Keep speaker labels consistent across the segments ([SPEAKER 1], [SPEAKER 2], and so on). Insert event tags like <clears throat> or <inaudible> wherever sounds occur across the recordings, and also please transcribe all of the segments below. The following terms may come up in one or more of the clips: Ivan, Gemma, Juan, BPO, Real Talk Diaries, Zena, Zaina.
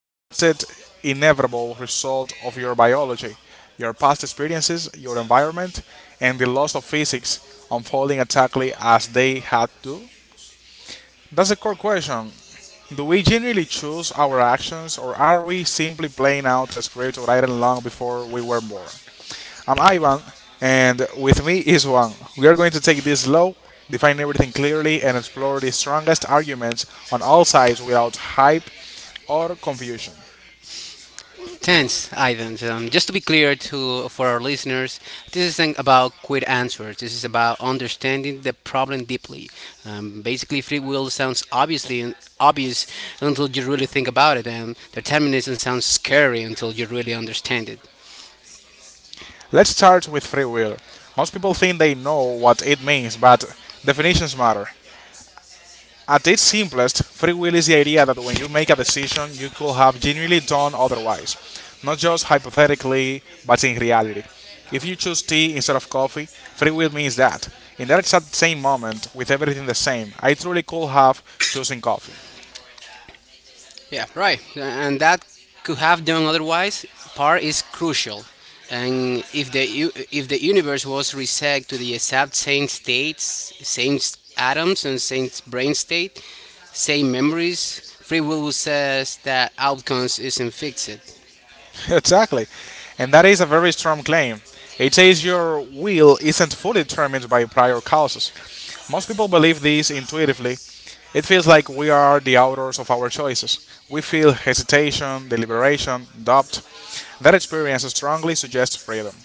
[SPEAKER 1] Or was it inevitable result of your biology, your past experiences, your environment, and the laws of physics unfolding exactly as they had to? That's the core question. Do we generally choose our actions, or are we simply playing out the script written long before we were born? I'm Ivan, and with me is Juan. We are going to take this slow, define everything clearly, and explore the strongest arguments on all sides without hype or confusion.
[SPEAKER 2] Tense items. Just to be clear to for our listeners, this isn't about quick answers. This is about understanding the problem deeply. Basically, free will sounds obviously obvious until you really think about it, and determinism sounds scary until you really understand it.
[SPEAKER 1] Let's start with free will. Most people think they know what it means, but definitions matter. At its simplest, free will is the idea that when you make a decision, you could have genuinely done otherwise, not just hypothetically, but in reality. If you choose tea instead of coffee, free will means that, in that exact same moment, with everything the same, I truly could have chosen coffee.
[SPEAKER 2] Yeah, right. And that could have done otherwise. Part is crucial. And if if the universe was reset to the exact same states, same atoms and same brain state, same memories, free will says that outcomes isn't fixed.
[SPEAKER 1] <laughs> Exactly. And that is a very strong claim. It says your will isn't fully determined by prior causes. Most people believe this intuitively. It feels like we are the authors of our choices. We feel hesitation, deliberation, doubt. That experience strongly suggests freedom.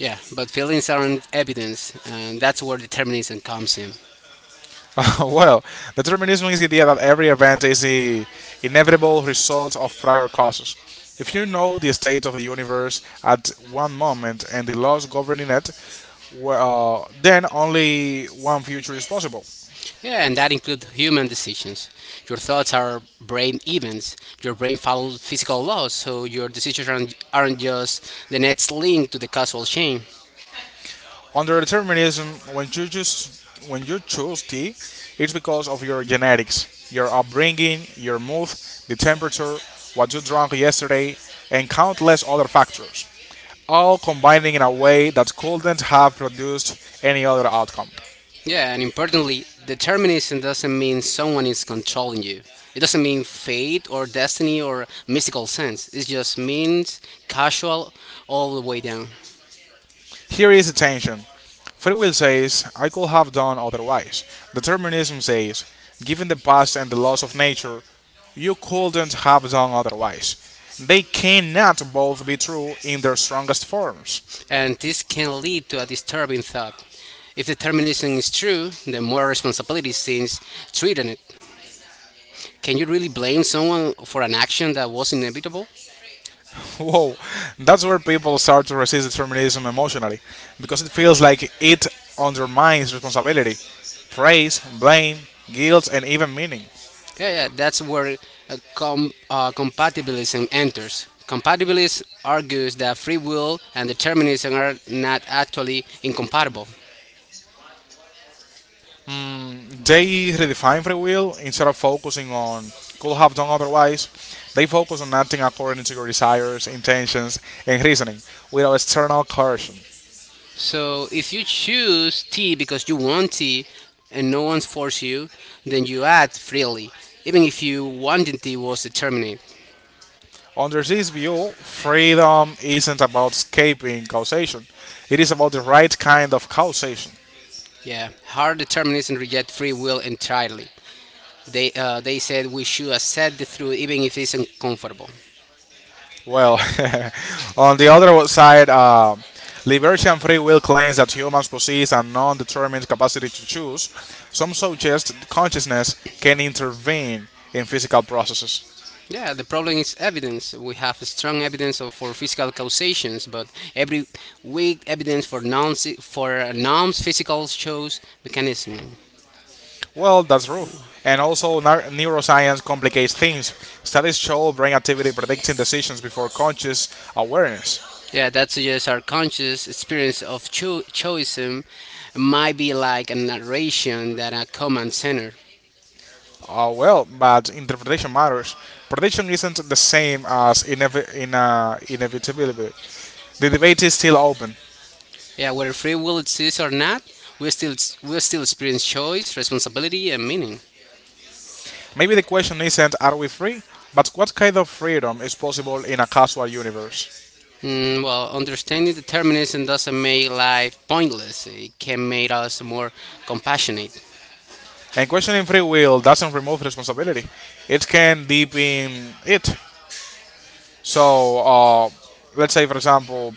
[SPEAKER 2] Yeah, but feelings aren't evidence, and that's where determinism comes in.
[SPEAKER 1] <laughs> well, Determinism is the idea that every event is the inevitable result of prior causes. If you know the state of the universe at one moment and the laws governing it, then only one future is possible.
[SPEAKER 2] Yeah, and that includes human decisions. Your thoughts are brain events. Your brain follows physical laws, so your decisions aren't just the next link to the causal chain.
[SPEAKER 1] Under determinism, when you choose tea, it's because of your genetics, your upbringing, your mood, the temperature, what you drank yesterday, and countless other factors, all combining in a way that couldn't have produced any other outcome.
[SPEAKER 2] Yeah, and importantly, determinism doesn't mean someone is controlling you. It doesn't mean fate or destiny or mystical sense. It just means casual all the way down.
[SPEAKER 1] Here is the tension. Free will says, I could have done otherwise. Determinism says, given the past and the laws of nature, you couldn't have done otherwise. They cannot both be true in their strongest forms.
[SPEAKER 2] And this can lead to a disturbing thought. If determinism is true, then moral responsibility seems threatened. Can you really blame someone for an action that was inevitable?
[SPEAKER 1] <laughs> Whoa, that's where people start to resist determinism emotionally, because it feels like it undermines responsibility, praise, blame, guilt, and even meaning.
[SPEAKER 2] Yeah, yeah, that's where compatibilism enters. Compatibilism argues that free will and determinism are not actually incompatible.
[SPEAKER 1] Mm, they redefine free will instead of focusing on could have done otherwise. They focus on acting according to your desires, intentions, and reasoning without external coercion.
[SPEAKER 2] So if you choose tea because you want tea and no one's forced you, then you act freely, even if you wanted tea was determined.
[SPEAKER 1] Under this view, freedom isn't about escaping causation, it is about the right kind of causation.
[SPEAKER 2] Yeah, hard determinism reject free will entirely. They said we should accept the truth even if it's uncomfortable.
[SPEAKER 1] Well, <laughs> on the other side, liberation free will claims that humans possess a non determined capacity to choose. Some suggest consciousness can intervene in physical processes.
[SPEAKER 2] Yeah, the problem is evidence. We have strong evidence of, for physical causations, but every weak evidence for non physical choice mechanism.
[SPEAKER 1] Well, that's true. And also, neuroscience complicates things. Studies show brain activity predicting decisions before conscious awareness.
[SPEAKER 2] Yeah, that suggests our conscious experience of choicism might be like a narration that a command center.
[SPEAKER 1] But interpretation matters. Prediction isn't the same as inevitability. The debate is still open.
[SPEAKER 2] Yeah, whether free will exists or not, we still we still experience choice, responsibility, and meaning.
[SPEAKER 1] Maybe the question isn't are we free, but what kind of freedom is possible in a casual universe?
[SPEAKER 2] Mm, well, understanding determinism doesn't make life pointless. It can make us more compassionate.
[SPEAKER 1] And questioning free will doesn't remove responsibility, it can deepen it. So, let's say, for example,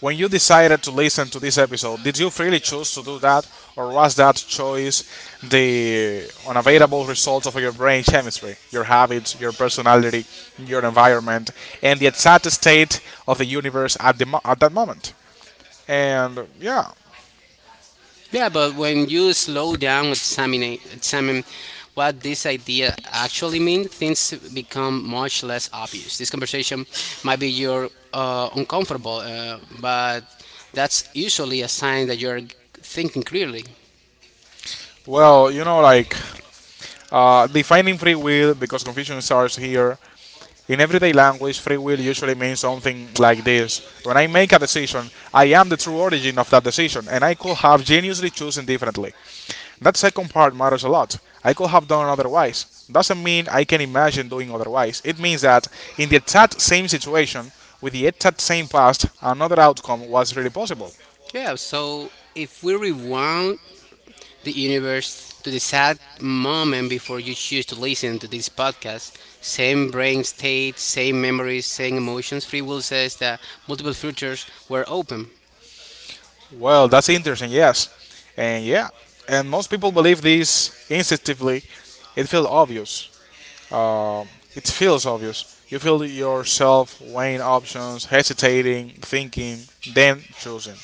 [SPEAKER 1] when you decided to listen to this episode, did you freely choose to do that, or was that choice the unavoidable result of your brain chemistry, your habits, your personality, your environment, and the exact state of the universe at that moment? And yeah,
[SPEAKER 2] Yeah, but when you slow down, examine what this idea actually means, things become much less obvious. This conversation might be you're uncomfortable, but that's usually a sign that you're thinking clearly.
[SPEAKER 1] Well, you know, like defining free will, because confusion starts here. In everyday language, free will usually means something like this: when I make a decision, I am the true origin of that decision, and I could have geniusly chosen differently. That second part matters a lot. I could have done otherwise. Doesn't mean I can imagine doing otherwise. It means that in the exact same situation, with the exact same past, another outcome was really possible.
[SPEAKER 2] Yeah, so if we rewind the universe to the sad moment before you choose to listen to this podcast, same brain state, same memories, same emotions, free will says that multiple futures were open.
[SPEAKER 1] Well, that's interesting, yes. And yeah, and most people believe this instinctively. It feels obvious. It feels obvious. You feel yourself weighing options, hesitating, thinking, then choosing.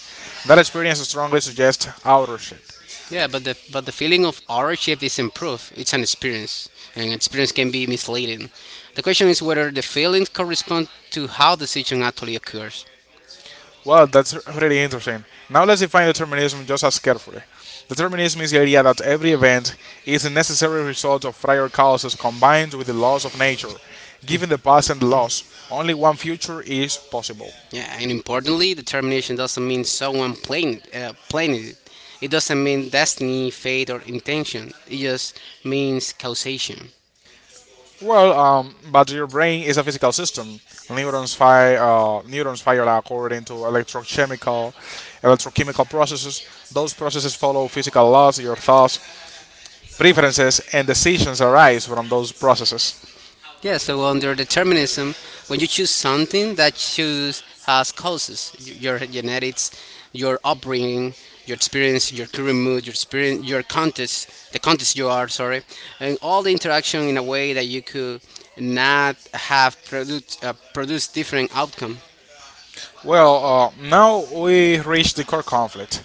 [SPEAKER 1] That experience strongly suggests authorship.
[SPEAKER 2] Yeah, but the feeling of ownership is improved. It's an experience, and experience can be misleading. The question is whether the feelings correspond to how decision actually occurs.
[SPEAKER 1] Well, that's really interesting. Now let's define determinism just as carefully. Determinism is the idea that every event is a necessary result of prior causes combined with the laws of nature. Given the past and the laws, only one future is possible.
[SPEAKER 2] Yeah, and importantly, determination doesn't mean someone planned it. It doesn't mean destiny, fate, or intention. It just means causation.
[SPEAKER 1] But your brain is a physical system. Neurons fire according to electrochemical processes. Those processes follow physical laws. Your thoughts, preferences, and decisions arise from those processes.
[SPEAKER 2] Yeah, so under determinism, when you choose something, that choose has causes. Your genetics, your upbringing, your experience, your current mood, your experience, your context, the context you are, sorry, and all the interaction in a way that you could not have produced different outcome.
[SPEAKER 1] Now we reach the core conflict.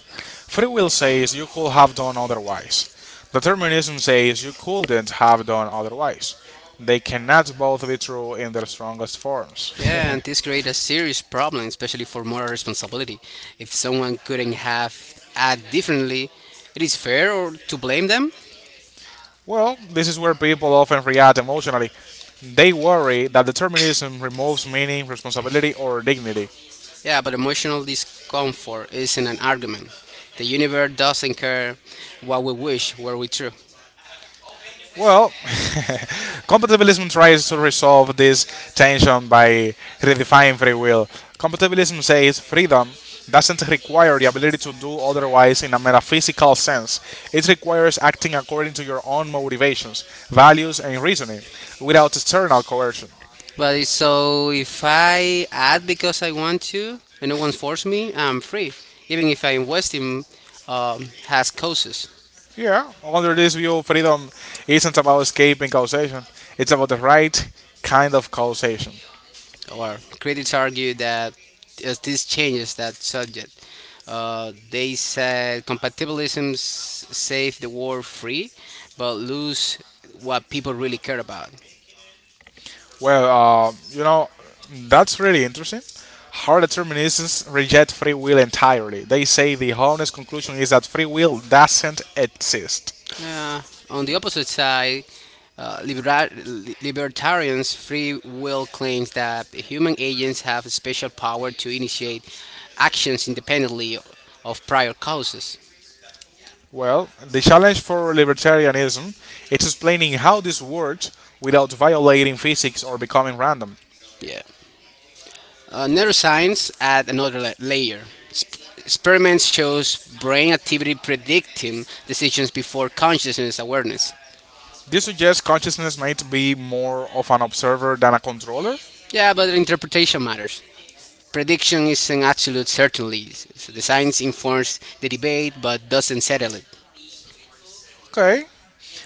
[SPEAKER 1] Free will says you could have done otherwise. Determinism says you couldn't have done otherwise. They cannot both be true in their strongest forms.
[SPEAKER 2] Yeah, and this create a serious problem, especially for moral responsibility. If someone couldn't have act differently, it is fair or to blame them.
[SPEAKER 1] Well, this is where people often react emotionally. They worry that determinism removes meaning, responsibility, or dignity.
[SPEAKER 2] Yeah, but emotional discomfort isn't an argument. The universe doesn't care what we wish were we true.
[SPEAKER 1] Well, <laughs> compatibilism tries to resolve this tension by redefining free will. Compatibilism says freedom doesn't require the ability to do otherwise in a metaphysical sense. It requires acting according to your own motivations, values, and reasoning without external coercion.
[SPEAKER 2] But it's so if I act because I want to and no one forced me, I'm free. Even if I'm wasting has causes.
[SPEAKER 1] Yeah, under this view, freedom isn't about escaping causation, it's about the right kind of causation.
[SPEAKER 2] Or critics argue that as this changes that subject. They said compatibilisms save the world free, but lose what people really care about.
[SPEAKER 1] Well, uh, you know, that's really interesting. Hard determinists reject free will entirely. They say the honest conclusion is that free will doesn't exist.
[SPEAKER 2] Uh, on the opposite side, libertarians' free will claims that human agents have a special power to initiate actions independently of prior causes.
[SPEAKER 1] Well, the challenge for libertarianism is explaining how this works without violating physics or becoming random.
[SPEAKER 2] Yeah. Neuroscience add another layer. Experiments shows brain activity predicting decisions before consciousness awareness.
[SPEAKER 1] This suggests consciousness might be more of an observer than a controller?
[SPEAKER 2] Yeah, but interpretation matters. Prediction is an absolute certainty. So the science informs the debate but doesn't settle it.
[SPEAKER 1] Okay.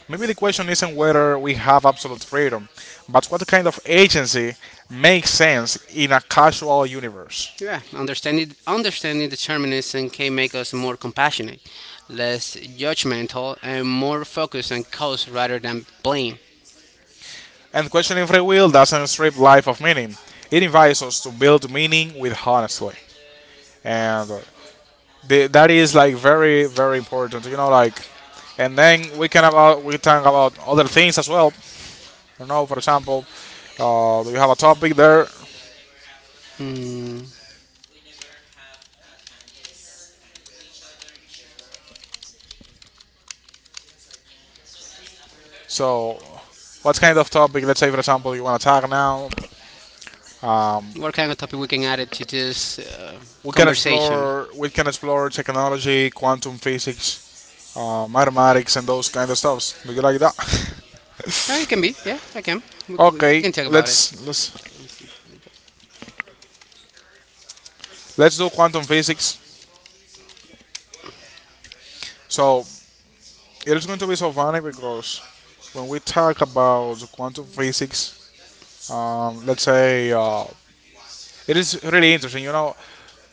[SPEAKER 1] Maybe the question isn't whether we have absolute freedom, but what kind of agency makes sense in a causal universe.
[SPEAKER 2] Yeah, understanding determinism can make us more compassionate, less judgmental, and more focused on cause rather than blame.
[SPEAKER 1] And questioning free will doesn't strip life of meaning. It invites us to build meaning with honestly. And that is like very, very important, you know, like, and then we can we talk about other things as well. I don't know, for example, do you have a topic there?
[SPEAKER 2] Hmm,
[SPEAKER 1] So, what kind of topic, let's say, for example, you want to talk now? Um,
[SPEAKER 2] what kind of topic we can add it to this
[SPEAKER 1] we can
[SPEAKER 2] conversation?
[SPEAKER 1] explore technology, quantum physics, mathematics, and those kind of stuffs. Do you like
[SPEAKER 2] It
[SPEAKER 1] that?
[SPEAKER 2] can
[SPEAKER 1] <laughs>
[SPEAKER 2] be, yeah, I can. We
[SPEAKER 1] Okay,
[SPEAKER 2] can talk about
[SPEAKER 1] let's
[SPEAKER 2] it.
[SPEAKER 1] let's let's do quantum physics. So it is going to be so funny because when we talk about the quantum physics, let's say it is really interesting. You know,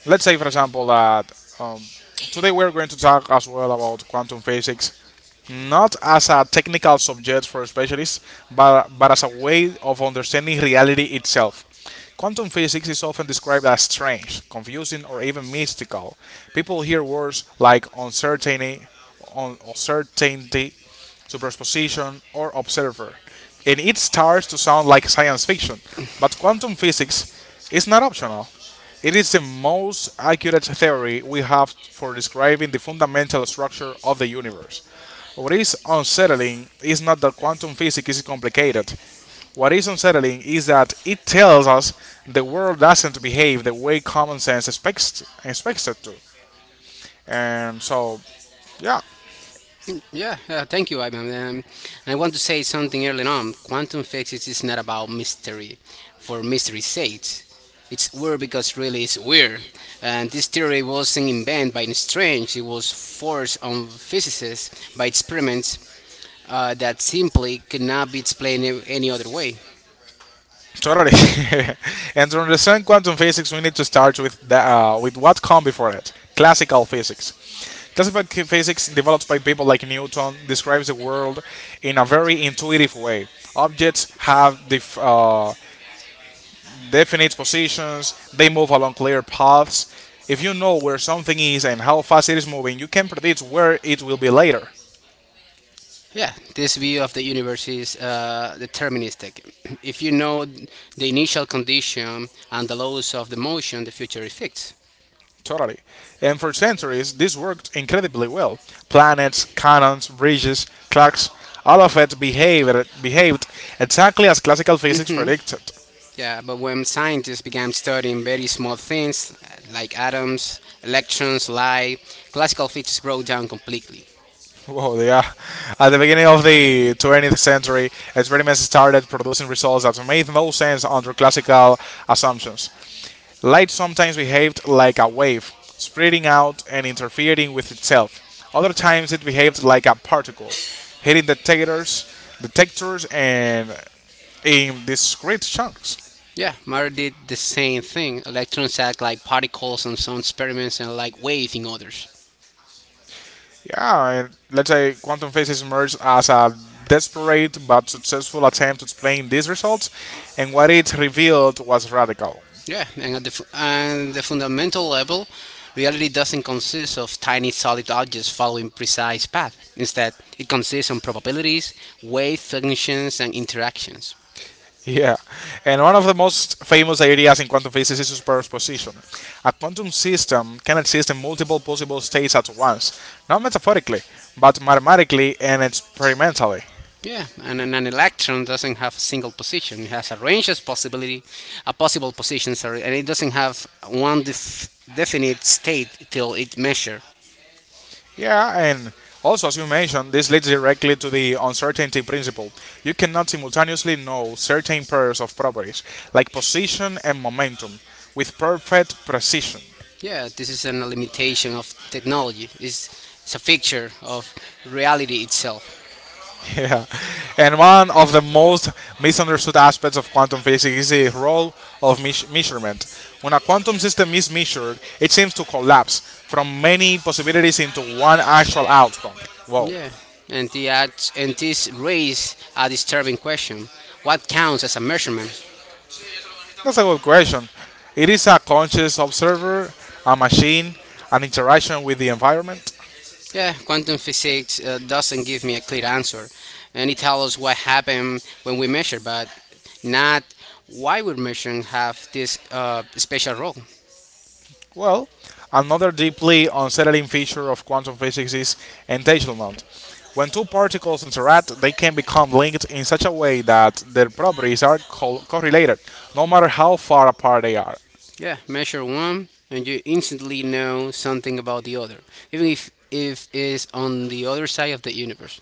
[SPEAKER 1] let's say for example that um, today we're going to talk as well about quantum physics, not as a technical subject for specialists, but as a way of understanding reality itself. Quantum physics is often described as strange, confusing, or even mystical. People hear words like uncertainty, superposition, or observer, and it starts to sound like science fiction. But quantum physics is not optional. It is the most accurate theory we have for describing the fundamental structure of the universe. What is unsettling is not that quantum physics is complicated. What is unsettling is that it tells us the world doesn't behave the way common sense expects it to. And so, yeah,
[SPEAKER 2] Yeah, yeah, thank you, Ivan. I want to say something early on. Quantum physics is not about mystery for mystery's sake. It's weird because really it's weird. And this theory wasn't invented by Strange, it was forced on physicists by experiments that simply could not be explained in any other way.
[SPEAKER 1] totally. <laughs> And to understand quantum physics, we need to start with with what come before it: classical physics. Classical physics, developed by people like Newton, describes the world in a very intuitive way. Objects have definite positions, they move along clear paths. If you know where something is and how fast it is moving, you can predict where it will be later.
[SPEAKER 2] Yeah, this view of the universe is deterministic. <clears throat> If you know the initial condition and the laws of the motion, the future is fixed.
[SPEAKER 1] Totally. And for centuries, this worked incredibly well. Planets, cannons, bridges, clocks, all of it behaved exactly as classical physics
[SPEAKER 2] Hmm.
[SPEAKER 1] predicted.
[SPEAKER 2] Yeah, but when scientists began studying very small things like atoms, electrons, light, classical physics broke down completely.
[SPEAKER 1] Whoa, yeah. At the beginning of the 20th century, experiments started producing results that made no sense under classical assumptions. Light sometimes behaved like a wave, spreading out and interfering with itself. Other times it behaved like a particle, hitting detectors and in discrete chunks.
[SPEAKER 2] Yeah, matter did the same thing. Electrons act like particles in some experiments and like waves in others.
[SPEAKER 1] Yeah, and let's say quantum physics emerged as a desperate but successful attempt to explain these results, and what it revealed was radical.
[SPEAKER 2] Yeah, and at the, fu- and the fundamental level, reality doesn't consist of tiny solid objects following precise paths. Instead, it consists of probabilities, weight functions, and interactions.
[SPEAKER 1] <laughs> Yeah, and one of the most famous ideas in quantum physics is superposition. A quantum system can exist in multiple possible states at once, not metaphorically, but mathematically and experimentally.
[SPEAKER 2] Yeah, and an electron doesn't have a single position. It has a range of possibility, a possible position, sorry, and it doesn't have one definite state till it measure.
[SPEAKER 1] Yeah, and also, as you mentioned, this leads directly to the uncertainty principle. You cannot simultaneously know certain pairs of properties, like position and momentum, with perfect precision.
[SPEAKER 2] Yeah, this is an limitation of technology. It's a feature of reality itself.
[SPEAKER 1] <laughs> Yeah, and one of the most misunderstood aspects of quantum physics is the role of measurement. When a quantum system is measured, it seems to collapse from many possibilities into one actual outcome. Whoa,
[SPEAKER 2] Yeah. And, the ads, and this raise a disturbing question. What counts as a measurement?
[SPEAKER 1] that's a good question. It is a conscious observer, a machine, an interaction with the environment.
[SPEAKER 2] Yeah, quantum physics doesn't give me a clear answer. And it tells us what happens when we measure, but not why would measuring have this special role.
[SPEAKER 1] Well, another deeply unsettling feature of quantum physics is entanglement. When two particles interact, they can become linked in such a way that their properties are correlated, no matter how far apart they are.
[SPEAKER 2] Yeah, measure one, and you instantly know something about the other, even if it's on the other side of the universe.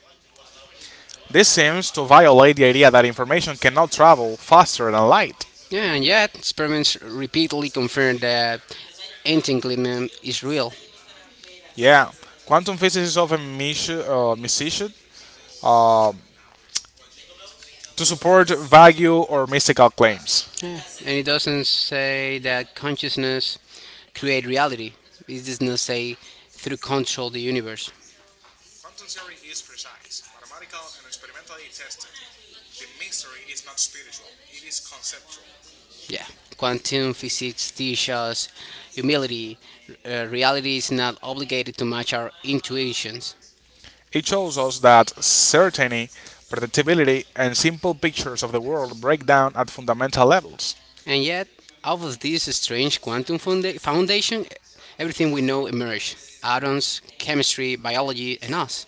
[SPEAKER 1] This seems to violate the idea that information cannot travel faster than light.
[SPEAKER 2] Yeah, and yet, experiments repeatedly confirm that entanglement is real.
[SPEAKER 1] Yeah, quantum physics is often misused um, to support vague or mystical claims.
[SPEAKER 2] Yeah. And it doesn't say that consciousness create reality. It does not say through control the universe. Yeah. Quantum physics teaches us humility. Reality is not obligated to match our intuitions.
[SPEAKER 1] It shows us that certainty, predictability, and simple pictures of the world break down at fundamental levels.
[SPEAKER 2] And yet, out of this strange quantum foundation, everything we know emerged. Atoms, chemistry, biology, and us.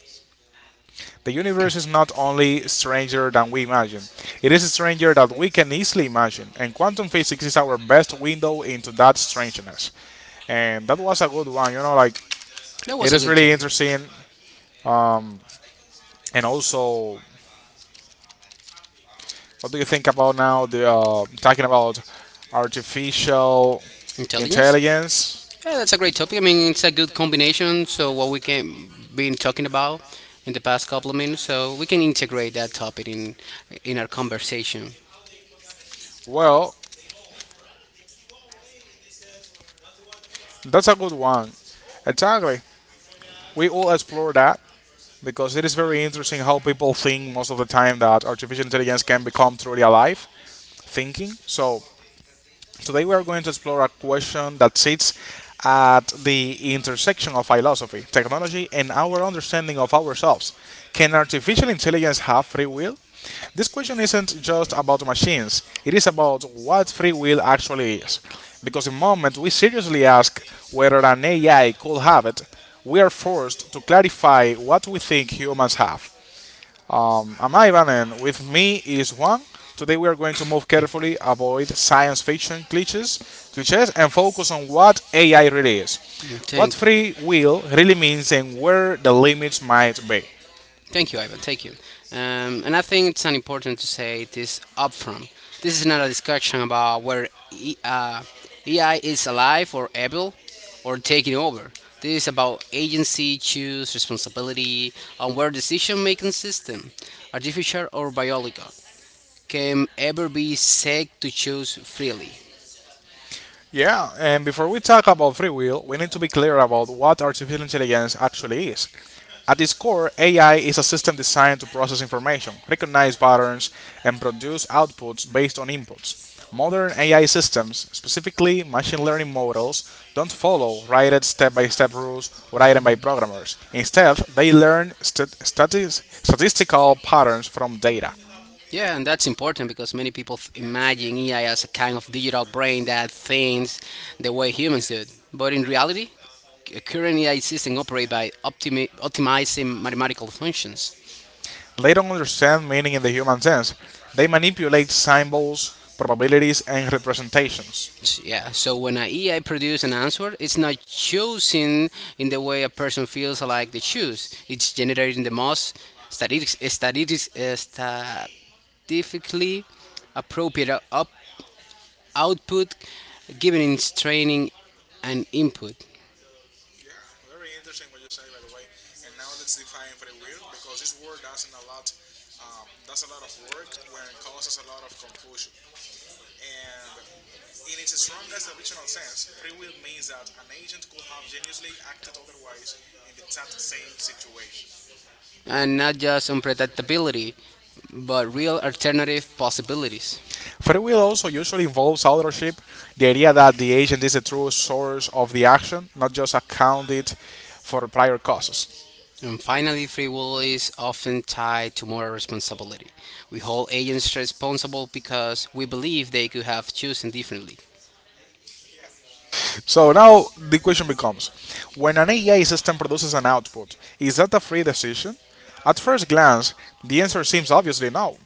[SPEAKER 1] The universe is not only stranger than we imagine, it is stranger than we can easily imagine, and quantum physics is our best window into that strangeness. And that was a good one, like
[SPEAKER 2] That
[SPEAKER 1] it
[SPEAKER 2] was a
[SPEAKER 1] is
[SPEAKER 2] good
[SPEAKER 1] really
[SPEAKER 2] topic.
[SPEAKER 1] interesting. And also, what do you think about now? The Talking about artificial
[SPEAKER 2] Intelligence?
[SPEAKER 1] intelligence.
[SPEAKER 2] Yeah, that's a great topic. I mean, it's a good combination. So what we can been talking about in the past couple of minutes, so we can integrate that topic in our conversation.
[SPEAKER 1] Well, that's a good one. Exactly. We will explore that because it is very interesting how people think most of the time that artificial intelligence can become truly alive thinking. So today we are going to explore a question that sits at the intersection of philosophy, technology, and our understanding of ourselves. Can artificial intelligence have free will? This question isn't just about machines, it is about what free will actually is. Because the moment we seriously ask whether an AI could have it, we are forced to clarify what we think humans have. I'm Ivan, and with me is Juan. Today we are going to move carefully, avoid science fiction cliches, and focus on what AI really is,
[SPEAKER 2] Mm, thank.
[SPEAKER 1] what free will really means, and where the limits might be.
[SPEAKER 2] Thank you, Ivan. Thank you. And I think it's unimportant to say this upfront. This is not a discussion about whether AI is alive or able or taking over. This is about agency, choose, responsibility, and where decision making system, artificial or biological, can ever be said to choose freely.
[SPEAKER 1] Yeah, and before we talk about free will, we need to be clear about what artificial intelligence actually is. At its core, AI is a system designed to process information, recognize patterns, and produce outputs based on inputs. Modern AI systems, specifically machine learning models, don't follow written step by step rules written by programmers. Instead, they learn statistical patterns from data.
[SPEAKER 2] Yeah, and that's important because many people imagine AI as a kind of digital brain that thinks the way humans do. But in reality, currently I system operate by optimizing mathematical functions.
[SPEAKER 1] They don't understand meaning in the human sense, they manipulate symbols, probabilities, and representations.
[SPEAKER 2] Yeah, so when an AI produces an answer, it's not choosing in the way a person feels like they choose. It's generating the most statistics, statistics, uh, statistically appropriate output given its training and input, and not just unpredictability, but real alternative possibilities.
[SPEAKER 1] Free will also usually involves authorship, the idea that the agent is the true source of the action, not just accounted for prior causes.
[SPEAKER 2] And finally, free will is often tied to moral responsibility. We hold agents responsible because we believe they could have chosen differently.
[SPEAKER 1] So now the question becomes, when an AI system produces an output, is that a free decision? At first glance, the answer seems obviously no.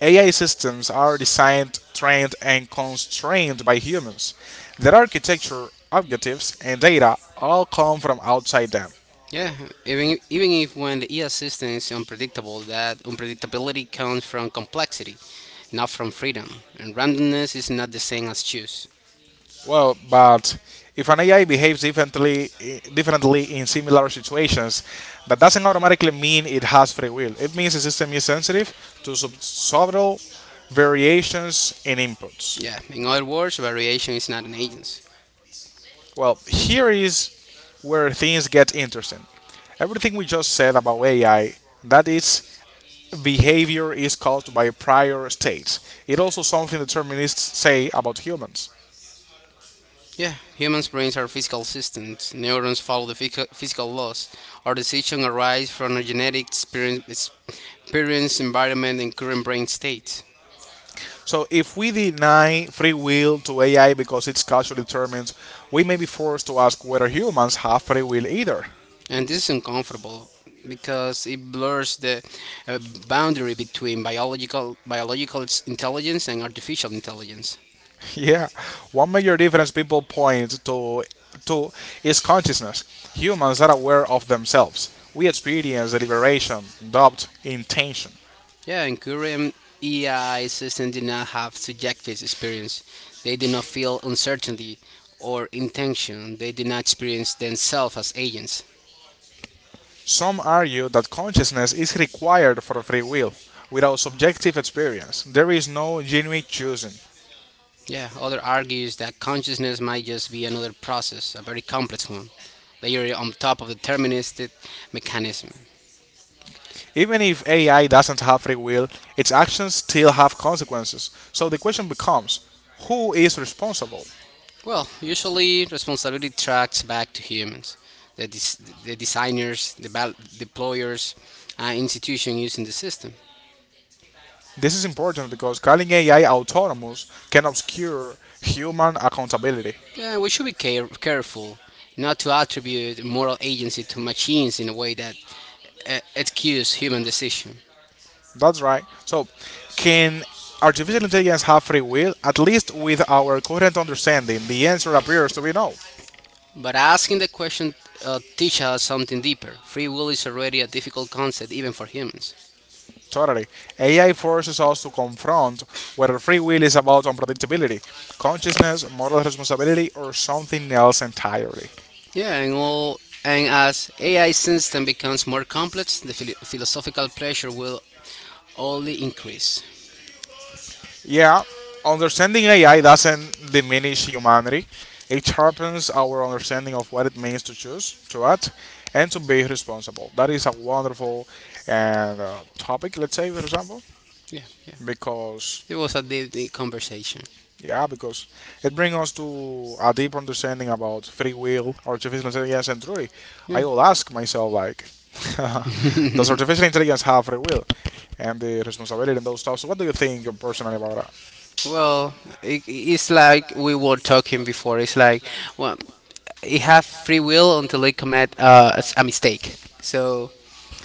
[SPEAKER 1] AI systems are designed, trained, and constrained by humans. Their architecture, objectives, and data all come from outside them.
[SPEAKER 2] Yeah, even if when the ES system is unpredictable, that unpredictability comes from complexity, not from freedom. And randomness is not the same as choose.
[SPEAKER 1] Well, but if an AI behaves differently in similar situations, that doesn't automatically mean it has free will. It means the system is sensitive to subtle variations in inputs.
[SPEAKER 2] Yeah, in other words, variation is not an agency.
[SPEAKER 1] Well, here is where things get interesting. Everything we just said about AI, that its behavior is caused by prior states. It also something determinists say about humans.
[SPEAKER 2] Yeah, humans' brains are physical systems. Neurons follow the physical laws. Our decisions arise from our genetic experience, environment, and current brain state.
[SPEAKER 1] So if we deny free will to AI because it's causally determined, we may be forced to ask whether humans have free will either.
[SPEAKER 2] And this is uncomfortable because it blurs the uh, boundary between biological intelligence and artificial intelligence.
[SPEAKER 1] <laughs> Yeah, one major difference people point to is consciousness. Humans are aware of themselves. We experience deliberation, doubt, intention.
[SPEAKER 2] Yeah, in current EI system did not have subjective experience. They did not feel uncertainty or intention. They did not experience themselves as agents.
[SPEAKER 1] Some argue that consciousness is required for free will. Without subjective experience, there is no genuine choosing.
[SPEAKER 2] Yeah, other argues that consciousness might just be another process, a very complex one, layered on top of deterministic mechanism.
[SPEAKER 1] Even if AI doesn't have free will, its actions still have consequences. So the question becomes, who is responsible?
[SPEAKER 2] Well, usually responsibility tracks back to humans, the designers, deployers, and institution using the system.
[SPEAKER 1] This is important because calling AI autonomous can obscure human accountability.
[SPEAKER 2] Yeah, we should be careful not to attribute moral agency to machines in a way that excuses human decision.
[SPEAKER 1] That's right. So, can artificial intelligence have free will? At least with our current understanding, the answer appears to be no.
[SPEAKER 2] But asking the question teaches us something deeper. Free will is already a difficult concept even for humans.
[SPEAKER 1] Totally. AI forces us to confront whether free will is about unpredictability, consciousness, moral responsibility, or something else entirely.
[SPEAKER 2] Yeah, and all and as AI system becomes more complex, the philosophical pressure will only increase.
[SPEAKER 1] Yeah, understanding AI doesn't diminish humanity. It sharpens our understanding of what it means to choose, to act, and to be responsible. That is a wonderful and topic, let's say, for example,
[SPEAKER 2] Yeah, yeah.
[SPEAKER 1] because
[SPEAKER 2] It was a deep, deep conversation.
[SPEAKER 1] yeah, because it brings us to a deep understanding about free will, artificial intelligence, and truly, I will ask myself like, <laughs> does artificial intelligence have free will and the responsibility and those stuff? So, what do you think personally about?
[SPEAKER 2] Well, it's like we were talking before. It's like, well, you have free will until they commit a a mistake. So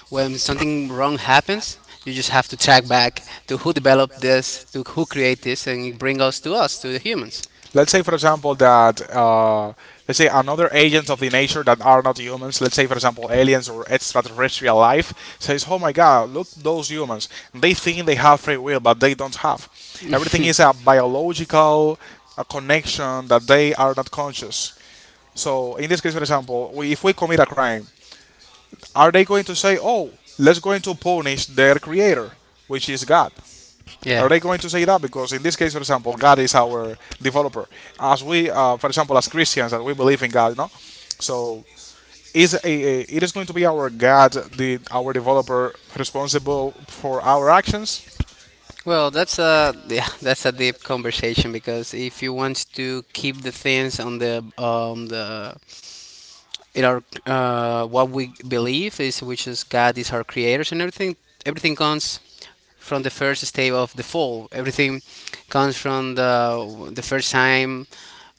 [SPEAKER 2] when something wrong happens, you just have to track back to who developed this, to who created this, and bring us, to the humans.
[SPEAKER 1] Let's say for example that let's say another agents of the nature that are not humans, let's say for example aliens or extraterrestrial life, says, oh my god, look those humans, they think they have free will but they don't have, everything is a biological, a connection that they are not conscious. So in this case, for example, we, if we commit a crime, are they going to say, oh, let's go into punish their creator, which is God,
[SPEAKER 2] Yeah.
[SPEAKER 1] are they going to say that? Because in this case, for example, God is our developer. As we, for example, as Christians, that we believe in God, no. So is a it is going to be our God, the our developer, responsible for our actions?
[SPEAKER 2] Well, that's a <laughs> that's a deep conversation because if you want to keep the things on the in our what we believe is which is God is our creators and everything, everything comes from the first stage of the fall, everything comes from the first time,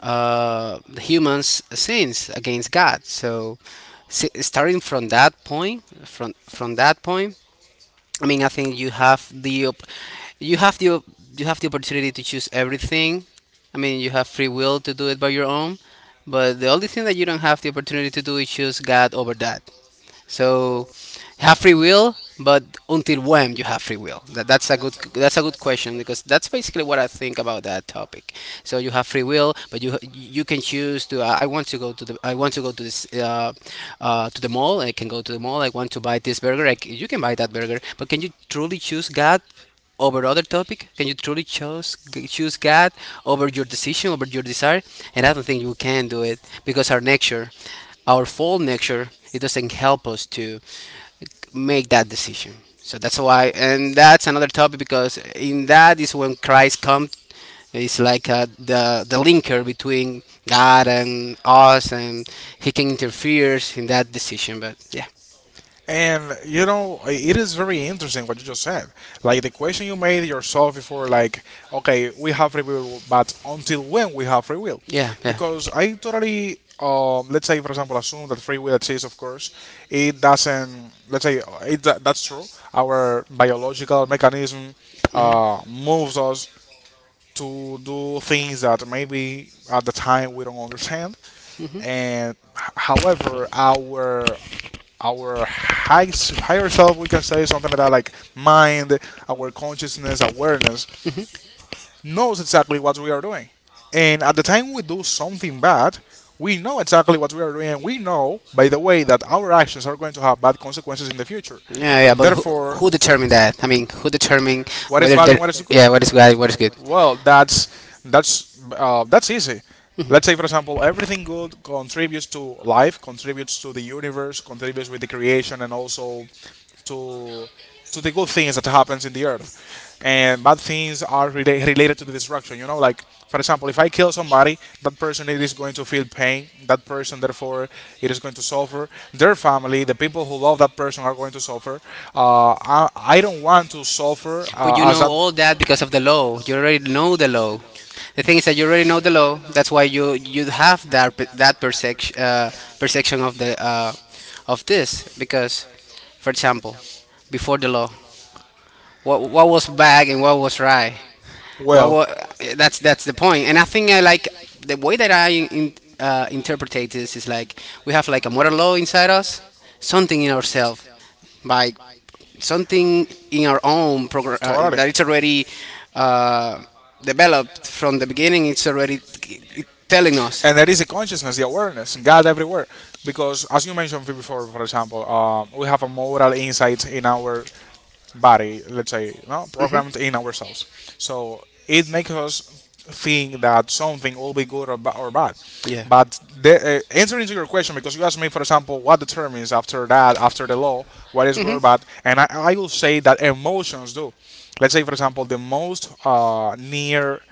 [SPEAKER 2] the humans sins against God. So starting from that point, from that point, I mean, I think you have the you have the you have the opportunity to choose everything. I mean, you have free will to do it by your own, but the only thing that you don't have the opportunity to do is choose God over that. So you have free will, but until when you have free will? That's a good question, because that's basically what I think about that topic. So you have free will, but you can choose to. I want to go to the I want to go to this to the mall. I can go to the mall. I want to buy this burger. I c You can buy that burger, but can you truly choose God over other topic? Can you truly choose God over your decision, over your desire? And I don't think you can do it, because our nature, our fall nature, it doesn't help us to make that decision. So that's why, and that's another topic, because in that is when Christ comes. It's like the linker between God and us, and He can interfere in that decision. But yeah,
[SPEAKER 1] And you know, it is very interesting what you just said. Like the question you made yourself before, like, okay, we have free will, but until when we have free will?
[SPEAKER 2] yeah, yeah.
[SPEAKER 1] Because I totally, let's say, for example, assume that free will exists. Of course, it doesn't. Let's say it, that's true. Our biological mechanism moves us to do things that maybe at the time we don't understand, and however our our high, higher self, we can say something like that, like mind, our consciousness, awareness, knows exactly what we are doing. And at the time we do something bad, we know exactly what we are doing. We know, by the way, that our actions are going to have bad consequences in the future.
[SPEAKER 2] Yeah, yeah, but who
[SPEAKER 1] Therefore,
[SPEAKER 2] who determined that? I mean, who determined
[SPEAKER 1] what is
[SPEAKER 2] whether
[SPEAKER 1] bad
[SPEAKER 2] the
[SPEAKER 1] and what is good?
[SPEAKER 2] yeah, what is good, what is good?
[SPEAKER 1] Well, that's easy. Let's say, for example, everything good contributes to life, contributes to the universe, contributes with the creation, and also to to the good things that happens in the earth, and bad things are related to the destruction. You know, like for example, if I kill somebody, that person it is going to feel pain, that person therefore it is going to suffer, their family, the people who love that person are going to suffer. I don't want to suffer
[SPEAKER 2] But you
[SPEAKER 1] as
[SPEAKER 2] know
[SPEAKER 1] that.
[SPEAKER 2] all that because of the law. You already know the law. The thing is that you already know the law. That's why you have that perception, perception of the of this, because, for example, before the law, what was bad and what was right. What
[SPEAKER 1] Well.
[SPEAKER 2] wa that's the point. And I think I like the way that I interpret this is like we have like a moral law inside us, something in ourselves, by something in our own program,
[SPEAKER 1] Totally.
[SPEAKER 2] that it's already uh, developed from the beginning. It's already it telling us.
[SPEAKER 1] And there is the consciousness, the awareness, God everywhere. Because as you mentioned before, for example, we have a moral insight in our body, let's say, no, programmed in ourselves. So it makes us think that something will be good or, or bad.
[SPEAKER 2] Yeah.
[SPEAKER 1] But the, answering to your question, because you asked me, for example, what determines after that, after the law, what is good or bad, and I will say that emotions do. Let's say, for example, the most near,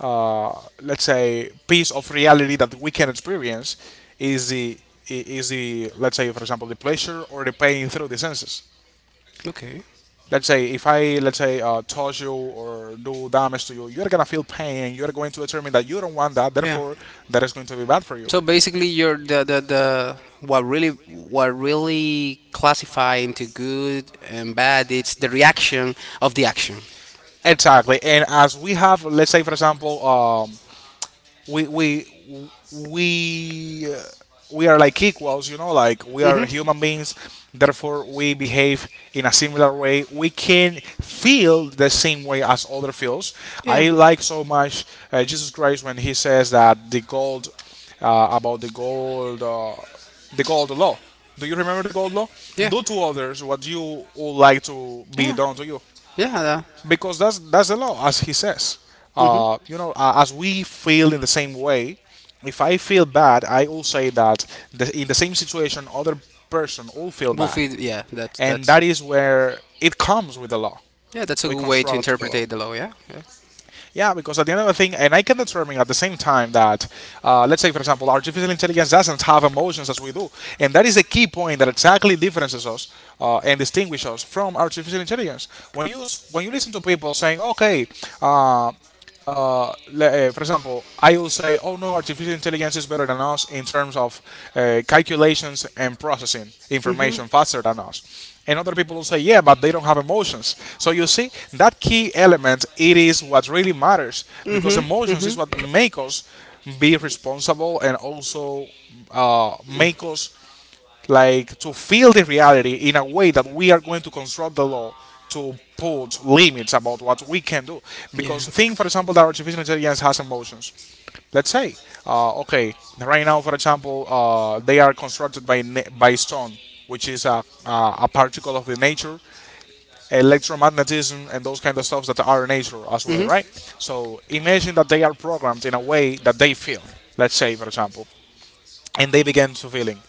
[SPEAKER 1] uh, let's say, piece of reality that we can experience is the is the, let's say for example, the pleasure or the pain through the senses.
[SPEAKER 2] Okay.
[SPEAKER 1] Let's say if I, let's say touch you or do damage to you, you're gonna feel pain. You're going to determine that you don't want that.
[SPEAKER 2] Yeah.
[SPEAKER 1] Therefore, that is going to be bad for you.
[SPEAKER 2] So basically, you're the what really, what really classify into good and bad, it's the reaction of the action.
[SPEAKER 1] Exactly. And as we have, let's say for example, we we we uh, we are like equals, you know, like we are
[SPEAKER 2] Hmm.
[SPEAKER 1] human beings, therefore we behave in a similar way, we can feel the same way as other feels. I like so much Jesus Christ when he says that the gold uh, about the gold uh, the gold law, do you remember the gold law?
[SPEAKER 2] Yeah.
[SPEAKER 1] Do to others what you would like to be
[SPEAKER 2] Yeah.
[SPEAKER 1] done to you,
[SPEAKER 2] Yeah. Yeah.
[SPEAKER 1] because that's the law, as he says. You know, as we feel in the same way, if I feel bad, I will say that the, in the same situation, other person all feel bad,
[SPEAKER 2] Buffy, yeah,
[SPEAKER 1] and
[SPEAKER 2] that's
[SPEAKER 1] that is where it comes with the law.
[SPEAKER 2] yeah, that's a
[SPEAKER 1] We
[SPEAKER 2] good way to
[SPEAKER 1] construct to the
[SPEAKER 2] interpret
[SPEAKER 1] law.
[SPEAKER 2] the law. Yeah, yeah.
[SPEAKER 1] Yeah, because at the end of the thing, and I can determine at the same time that, let's say, for example, artificial intelligence doesn't have emotions as we do. And that is a key point that exactly differences us and distinguishes us from artificial intelligence. When you, when you listen to people saying, okay, uh, for example, I will say, oh no, artificial intelligence is better than us in terms of calculations and processing information faster than us. And other people will say, yeah, but they don't have emotions. So you see, that key element, it is what really matters, because emotions is what make us be responsible, and also make us like to feel the reality in a way that we are going to construct the law to put limits about what we can do.
[SPEAKER 2] Yeah.
[SPEAKER 1] Because think, for example, that artificial intelligence has emotions. Let's say, okay, right now, for example, they are constructed by by stone, which is a particle of the nature, electromagnetism, and those kind of stuffs that are nature as well, right? So imagine that they are programmed in a way that they feel. Let's say, for example, and they begin to feeling.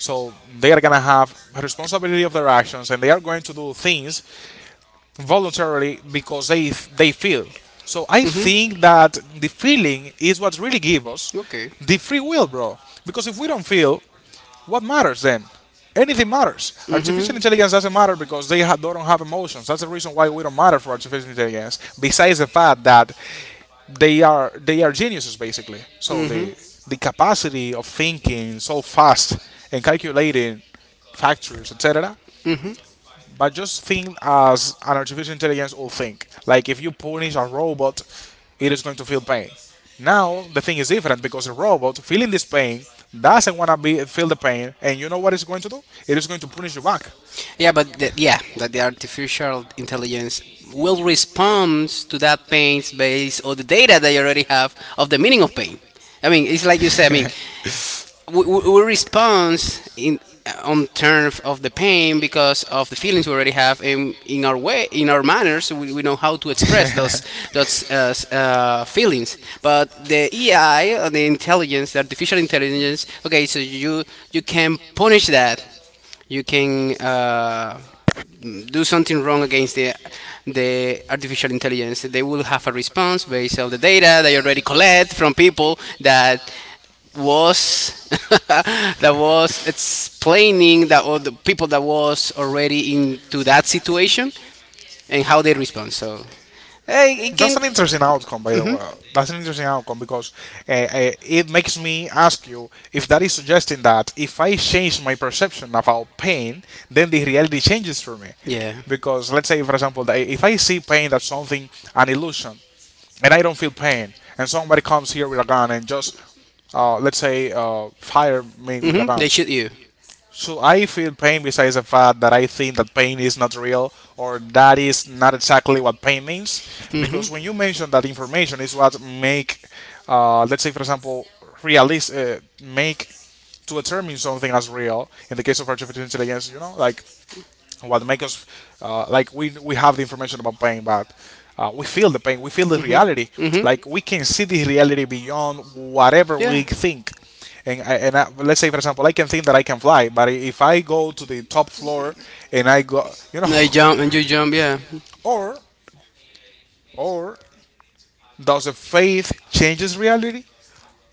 [SPEAKER 1] So they are gonna have responsibility of their actions, and they are going to do things voluntarily because they feel. So I think that the feeling is what really gives us
[SPEAKER 2] Okay.
[SPEAKER 1] the free will, bro. Because if we don't feel, what matters then? Anything matters. Artificial intelligence doesn't matter because don't have emotions. That's the reason why we don't matter for artificial intelligence. Besides the fact that they are geniuses basically. So the capacity of thinking so fast and calculating factors, etc. But just think as an artificial intelligence will think. Like if you punish a robot, it is going to feel pain. Now the thing is different because a robot feeling this pain doesn't want to be feel the pain, and what it's going to do? It is going to punish you back.
[SPEAKER 2] Yeah, but the, yeah, that the artificial intelligence will respond to that pain based on the data they already have of the meaning of pain. I mean, it's like you said. I mean, we respond in on terms of the pain because of the feelings we already have in our way, in our manners, we know how to express those feelings. But the AI, or the intelligence, the artificial intelligence, okay, so you can punish that, you can do something wrong against the artificial intelligence, they will have a response based on the data they already collect from people that was <laughs> that was explaining that, or the people that was already into that situation and how they respond. So eh, it
[SPEAKER 1] That's
[SPEAKER 2] can
[SPEAKER 1] an interesting outcome, by the
[SPEAKER 2] Mhm.
[SPEAKER 1] way. That's an interesting outcome because it makes me ask you if that is suggesting that if I change my perception about pain, then the reality changes for me.
[SPEAKER 2] Yeah.
[SPEAKER 1] Because let's say, for example, that if I see pain that's something, an illusion, and I don't feel pain, and somebody comes here with a gun and just, let's say, fire me with a
[SPEAKER 2] Hmm.
[SPEAKER 1] gun.
[SPEAKER 2] They shoot you.
[SPEAKER 1] So I feel pain besides the fact that I think that pain is not real or that is not exactly what pain means. Because when you mention that information is what make, let's say for example, realist make to determine something as real in the case of artificial intelligence, like what makes us like we have the information about pain but we feel the pain, we feel the reality,
[SPEAKER 2] Mhm.
[SPEAKER 1] like we can see the reality beyond whatever we think. Let's say for example, I can think that I can fly, but if I go to the top floor and I go,
[SPEAKER 2] And they jump and you jump. Yeah.
[SPEAKER 1] <laughs> or or does the faith changes reality?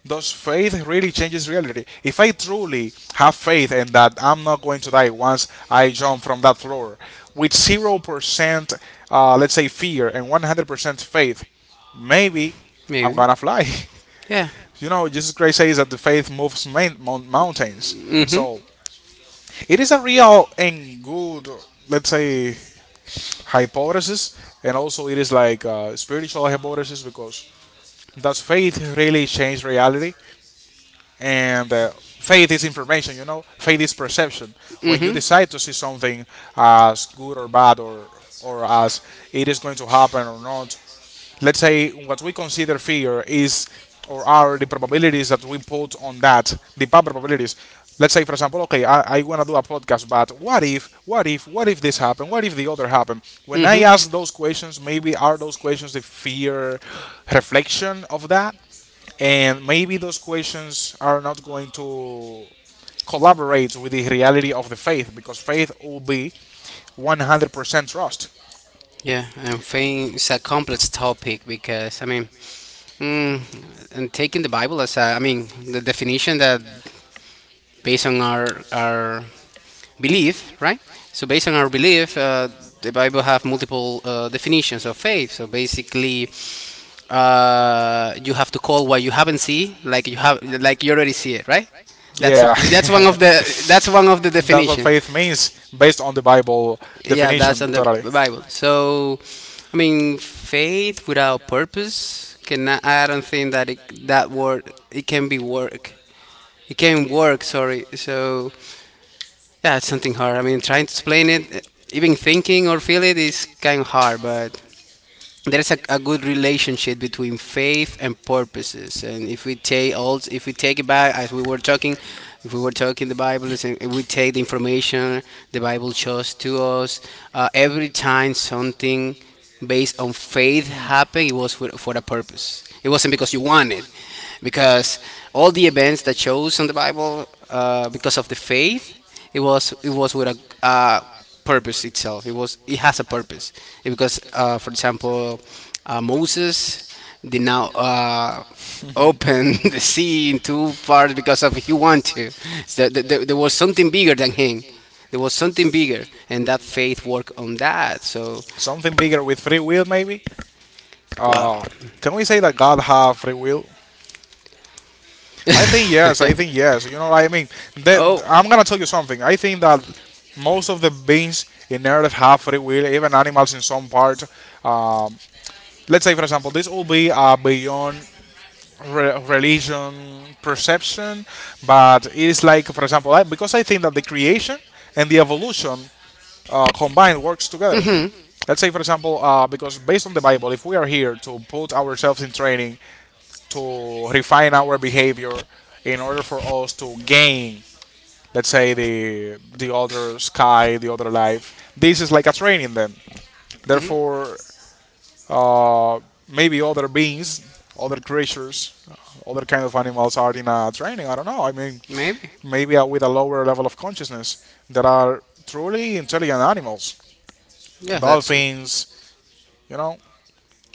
[SPEAKER 1] Does faith really changes reality? If I truly have faith in that I'm not going to die once I jump from that floor, with 0%, let's say, fear and 100% faith, maybe I'm
[SPEAKER 2] Maybe.
[SPEAKER 1] gonna fly. <laughs>
[SPEAKER 2] Yeah.
[SPEAKER 1] You know, Jesus
[SPEAKER 2] You
[SPEAKER 1] Christ says that the faith moves mountains.
[SPEAKER 2] hmm.
[SPEAKER 1] So it is a real and good, let's say, hypothesis, and also it is like a spiritual hypothesis because does faith really change reality? And Faith is information. Faith is perception. When you decide to see something as good or bad, or as it is going to happen or not, let's say what we consider fear is, or are, the probabilities that we put on that, the bad probabilities. Let's say, for example, okay, I want to do a podcast, but what if this happened, what if the other happened? When I ask those questions, maybe are those questions the fear reflection of that, and maybe those questions are not going to collaborate with the reality of the faith, because faith will be 100% trust.
[SPEAKER 2] Yeah. And I think it's a complex topic, because I mean, Mm, and taking the Bible as a, I mean, the definition that based on our belief, right? So based on our belief, the Bible have multiple definitions of faith. So basically, you have to call what you haven't see, like you have, like you already see it, right? That's
[SPEAKER 1] Yeah.
[SPEAKER 2] that's one of the,
[SPEAKER 1] <laughs>
[SPEAKER 2] that's one of the
[SPEAKER 1] That's what
[SPEAKER 2] definition.
[SPEAKER 1] faith means, based on the Bible.
[SPEAKER 2] Yeah,
[SPEAKER 1] Definition,
[SPEAKER 2] that's on the
[SPEAKER 1] totally.
[SPEAKER 2] Bible. So, I mean, faith without purpose cannot. I don't think that it, that word it can be work. It can work. Sorry. So yeah, it's something hard. I mean, trying to explain it, even thinking or feel it is kind of hard. But there's a good relationship between faith and purposes. And if we take it back, as we were talking, if we were talking the bible if we take the information the bible shows to us, every time something based on faith happened, it was for a purpose. It wasn't because you want it, because all the events that shows on the bible, because of the faith, it was with a uh, purpose itself. It was, it has a purpose. Because, for example, Moses did now open <laughs> the sea in two parts because of he want to. So there was something bigger than him. There was something bigger, and that faith worked on that. So
[SPEAKER 1] Something bigger with free will, maybe.
[SPEAKER 2] well,
[SPEAKER 1] uh, can we say that God have free will? I think yes. I think yes. You know what I mean, that
[SPEAKER 2] oh
[SPEAKER 1] I'm gonna tell you something. I think that most of the beings in Earth have free will, even animals in some part. Um, let's say, for example, this will be beyond religion perception, but it is like, for example, I, because I think that the creation and the evolution combined works together. Let's say, for example, because based on the Bible, if we are here to put ourselves in training to refine our behavior in order for us to gain, let's say, the other sky, the other life. This is like a training then. Therefore, uh, maybe other beings, other creatures, other kind of animals are in a training. I don't know. I mean,
[SPEAKER 2] maybe
[SPEAKER 1] maybe with a lower level of consciousness, that are truly intelligent animals,
[SPEAKER 2] yeah, that's true.
[SPEAKER 1] dolphins. You know,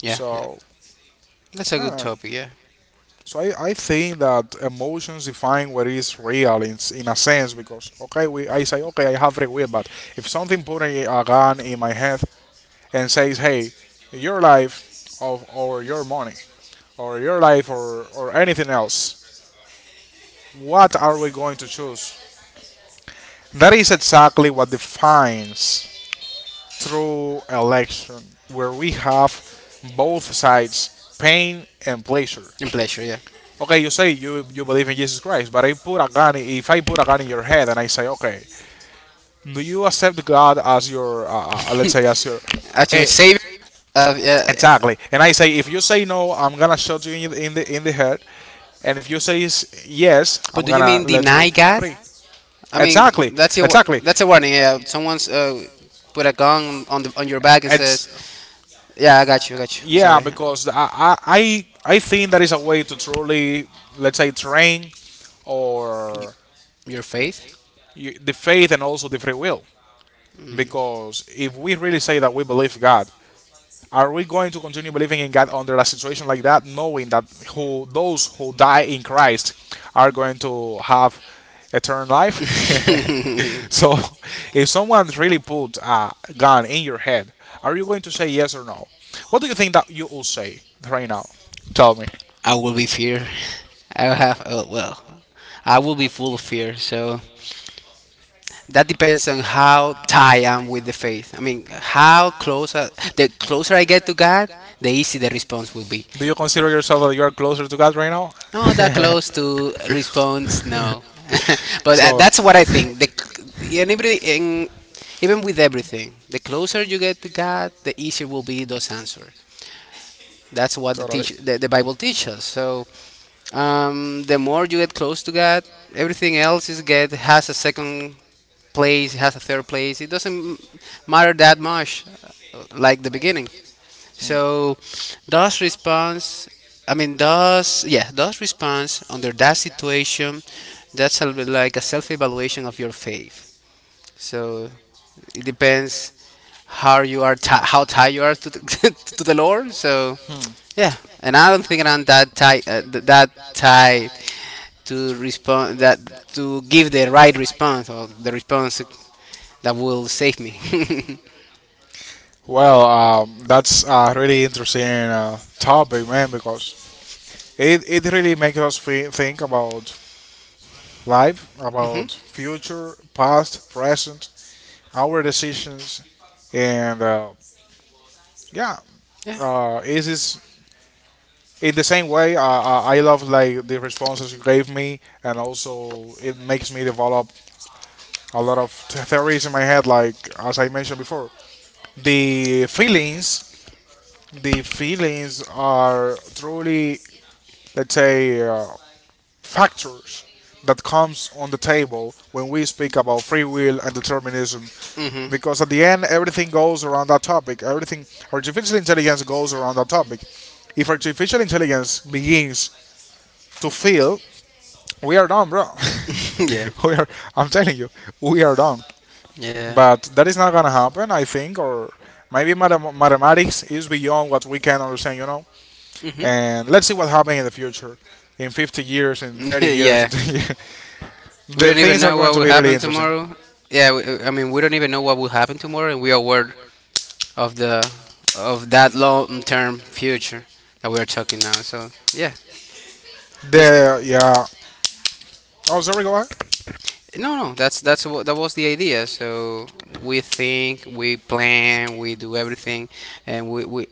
[SPEAKER 2] Yeah, yeah,
[SPEAKER 1] so
[SPEAKER 2] that's a good
[SPEAKER 1] I
[SPEAKER 2] topic. Yeah,
[SPEAKER 1] I think that emotions define what is real in, in a sense, because okay, we I say, okay, I have free will, but if something put a gun in my head and says, hey, your life of, or your money or your life, or anything else, what are we going to choose? That is exactly what defines true election, where we have both sides, pain and pleasure.
[SPEAKER 2] and pleasure. Yeah.
[SPEAKER 1] Okay, you say you believe in Jesus Christ, but I put a gun. If I put a gun in your head and I say, okay, do you accept God as your let's say, as your eh,
[SPEAKER 2] Ultimate Savior. Yeah, yeah.
[SPEAKER 1] exactly? And I say, if you say no, I'm gonna shoot you in in the head, and if you say yes,
[SPEAKER 2] But
[SPEAKER 1] I'm
[SPEAKER 2] do you
[SPEAKER 1] gonna
[SPEAKER 2] mean
[SPEAKER 1] let you
[SPEAKER 2] deny God?
[SPEAKER 1] free.
[SPEAKER 2] I mean,
[SPEAKER 1] Exactly, exactly.
[SPEAKER 2] that's a warning. Yeah, someone's put a gun on the on your
[SPEAKER 1] Eh,
[SPEAKER 2] back and says,
[SPEAKER 1] It's
[SPEAKER 2] "Yeah, I got you, I got you."
[SPEAKER 1] Yeah,
[SPEAKER 2] Sorry,
[SPEAKER 1] because I I think there is a way to truly, let's say, train, or
[SPEAKER 2] your faith.
[SPEAKER 1] you, the faith and also the free will. Because if we really say that we believe God, are we going to continue believing in God under a situation like that, knowing that who those who die in Christ are going to have eternal life?
[SPEAKER 2] <laughs>
[SPEAKER 1] <laughs> So, if someone really put a gun in your head, are you going to say yes or no? What do you think that you will say right now? Tell me.
[SPEAKER 2] I will be fear. I will have well, I will be full of fear. So that depends on how tied I am with the faith. I mean, how close I, the closer I get to God, the easy the response will be.
[SPEAKER 1] Do you consider yourself that you are closer to God right now?
[SPEAKER 2] No, that
[SPEAKER 1] <laughs>
[SPEAKER 2] close to response, no. <laughs> But
[SPEAKER 1] So
[SPEAKER 2] that's what I think. In every, in, even with everything, the closer you get to God, the easier will be those answers. That's what
[SPEAKER 1] totally.
[SPEAKER 2] the Bible teaches. So the more you get close to God, everything else is get has a second place, has a third place. It doesn't matter that much, like the beginning. So does response I mean does yeah, does response under that situation, that's a bit like a self evaluation of your faith. So it depends how you are ti how tied you are to the, <laughs> to the Lord. So yeah, and I don't think I'm that tight that tied to respond that, to give the right response, or the response that will save me. <laughs>
[SPEAKER 1] Well, that's a really interesting topic, man, because it really makes us think about life, about future, past, present, our decisions, and yeah,
[SPEAKER 2] Yeah.
[SPEAKER 1] it is this in the same way. I love like the responses you gave me, and also it makes me develop a lot of theories in my head, like as I mentioned before. The feelings, the feelings are truly, let's say, factors that comes on the table when we speak about free will and determinism,
[SPEAKER 2] Mhm.
[SPEAKER 1] because at the end everything goes around that topic, everything.
[SPEAKER 2] <laughs>
[SPEAKER 1] Artificial intelligence goes around that topic. If artificial intelligence begins to feel, we are done, bro. <laughs>
[SPEAKER 2] Yeah,
[SPEAKER 1] We are, I'm telling you, we are done.
[SPEAKER 2] yeah,
[SPEAKER 1] But that is not gonna happen, I think, or maybe mathematics is beyond what we can understand, you know.
[SPEAKER 2] hmm
[SPEAKER 1] And let's see what happens in the future, in 50 years, in
[SPEAKER 2] <laughs>
[SPEAKER 1] 30 years, in
[SPEAKER 2] yeah.
[SPEAKER 1] 10 years. <laughs>
[SPEAKER 2] We
[SPEAKER 1] The
[SPEAKER 2] don't even
[SPEAKER 1] things are
[SPEAKER 2] know
[SPEAKER 1] going
[SPEAKER 2] what
[SPEAKER 1] to
[SPEAKER 2] will
[SPEAKER 1] be really
[SPEAKER 2] happen
[SPEAKER 1] interesting.
[SPEAKER 2] tomorrow. Yeah, we, I mean, we don't even know what will happen tomorrow, and we are aware of the of that long-term future that we are talking now. So yeah, this
[SPEAKER 1] The yeah. Oh, sorry, go ahead.
[SPEAKER 2] no, no, that's what that was the idea. So we think, we plan, we do everything, and we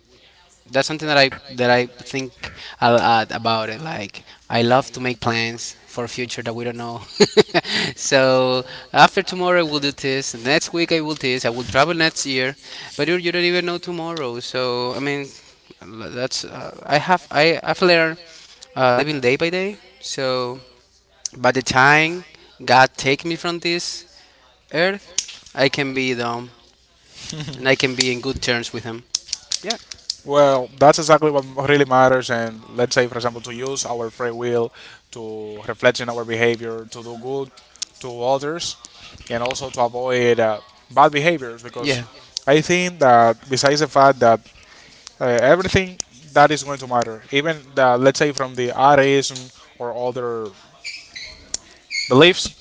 [SPEAKER 2] that's something that I think a lot about it. Like, I love to make plans for future that we don't know. <laughs> So after tomorrow I will do this. And next week I will this. I will travel next year, but you don't even know tomorrow. So I mean, that's I have I've learned living day by day. So by the time God take me from this earth, I can be dumb and I can be in good terms with Him. Yeah.
[SPEAKER 1] Well, that's exactly what really matters. And let's say, for example, to use our free will to reflect in our behavior, to do good to others, and also to avoid bad behaviors. Because I think that besides the fact that everything that is going to matter. Even the, let's say, from the Arianism or other beliefs,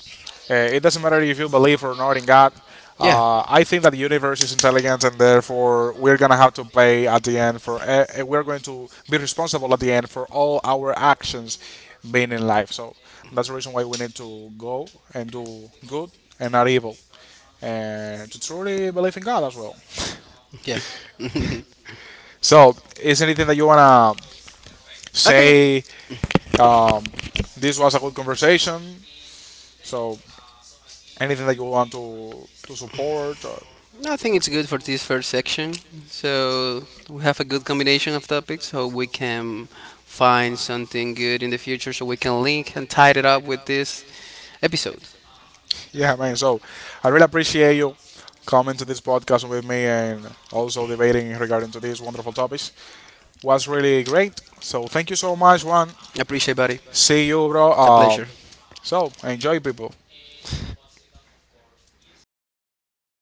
[SPEAKER 1] it doesn't matter if you believe or not in God.
[SPEAKER 2] Yeah.
[SPEAKER 1] I think that the universe is intelligent, and therefore we're gonna have to pay at the end for. We're going to be responsible at the end for all our actions, being in life. So that's the reason why we need to go and do good and not evil, and to truly believe in God as well.
[SPEAKER 2] Yeah. <laughs>
[SPEAKER 1] So, is there anything that you wanna
[SPEAKER 2] think
[SPEAKER 1] say? Um, this was a good conversation. So anything that you want to support, or,
[SPEAKER 2] No, I think it's good for this first section. So we have a good combination of topics, so we can find something good in the future, so we can link and tie it up with this episode.
[SPEAKER 1] yeah, man. So I really appreciate you coming to this podcast with me and also debating regarding to these wonderful topics. Was really great. So thank you so much, Juan.
[SPEAKER 2] Appreciate, buddy.
[SPEAKER 1] See you, bro.
[SPEAKER 2] It's a pleasure.
[SPEAKER 1] So enjoy, people.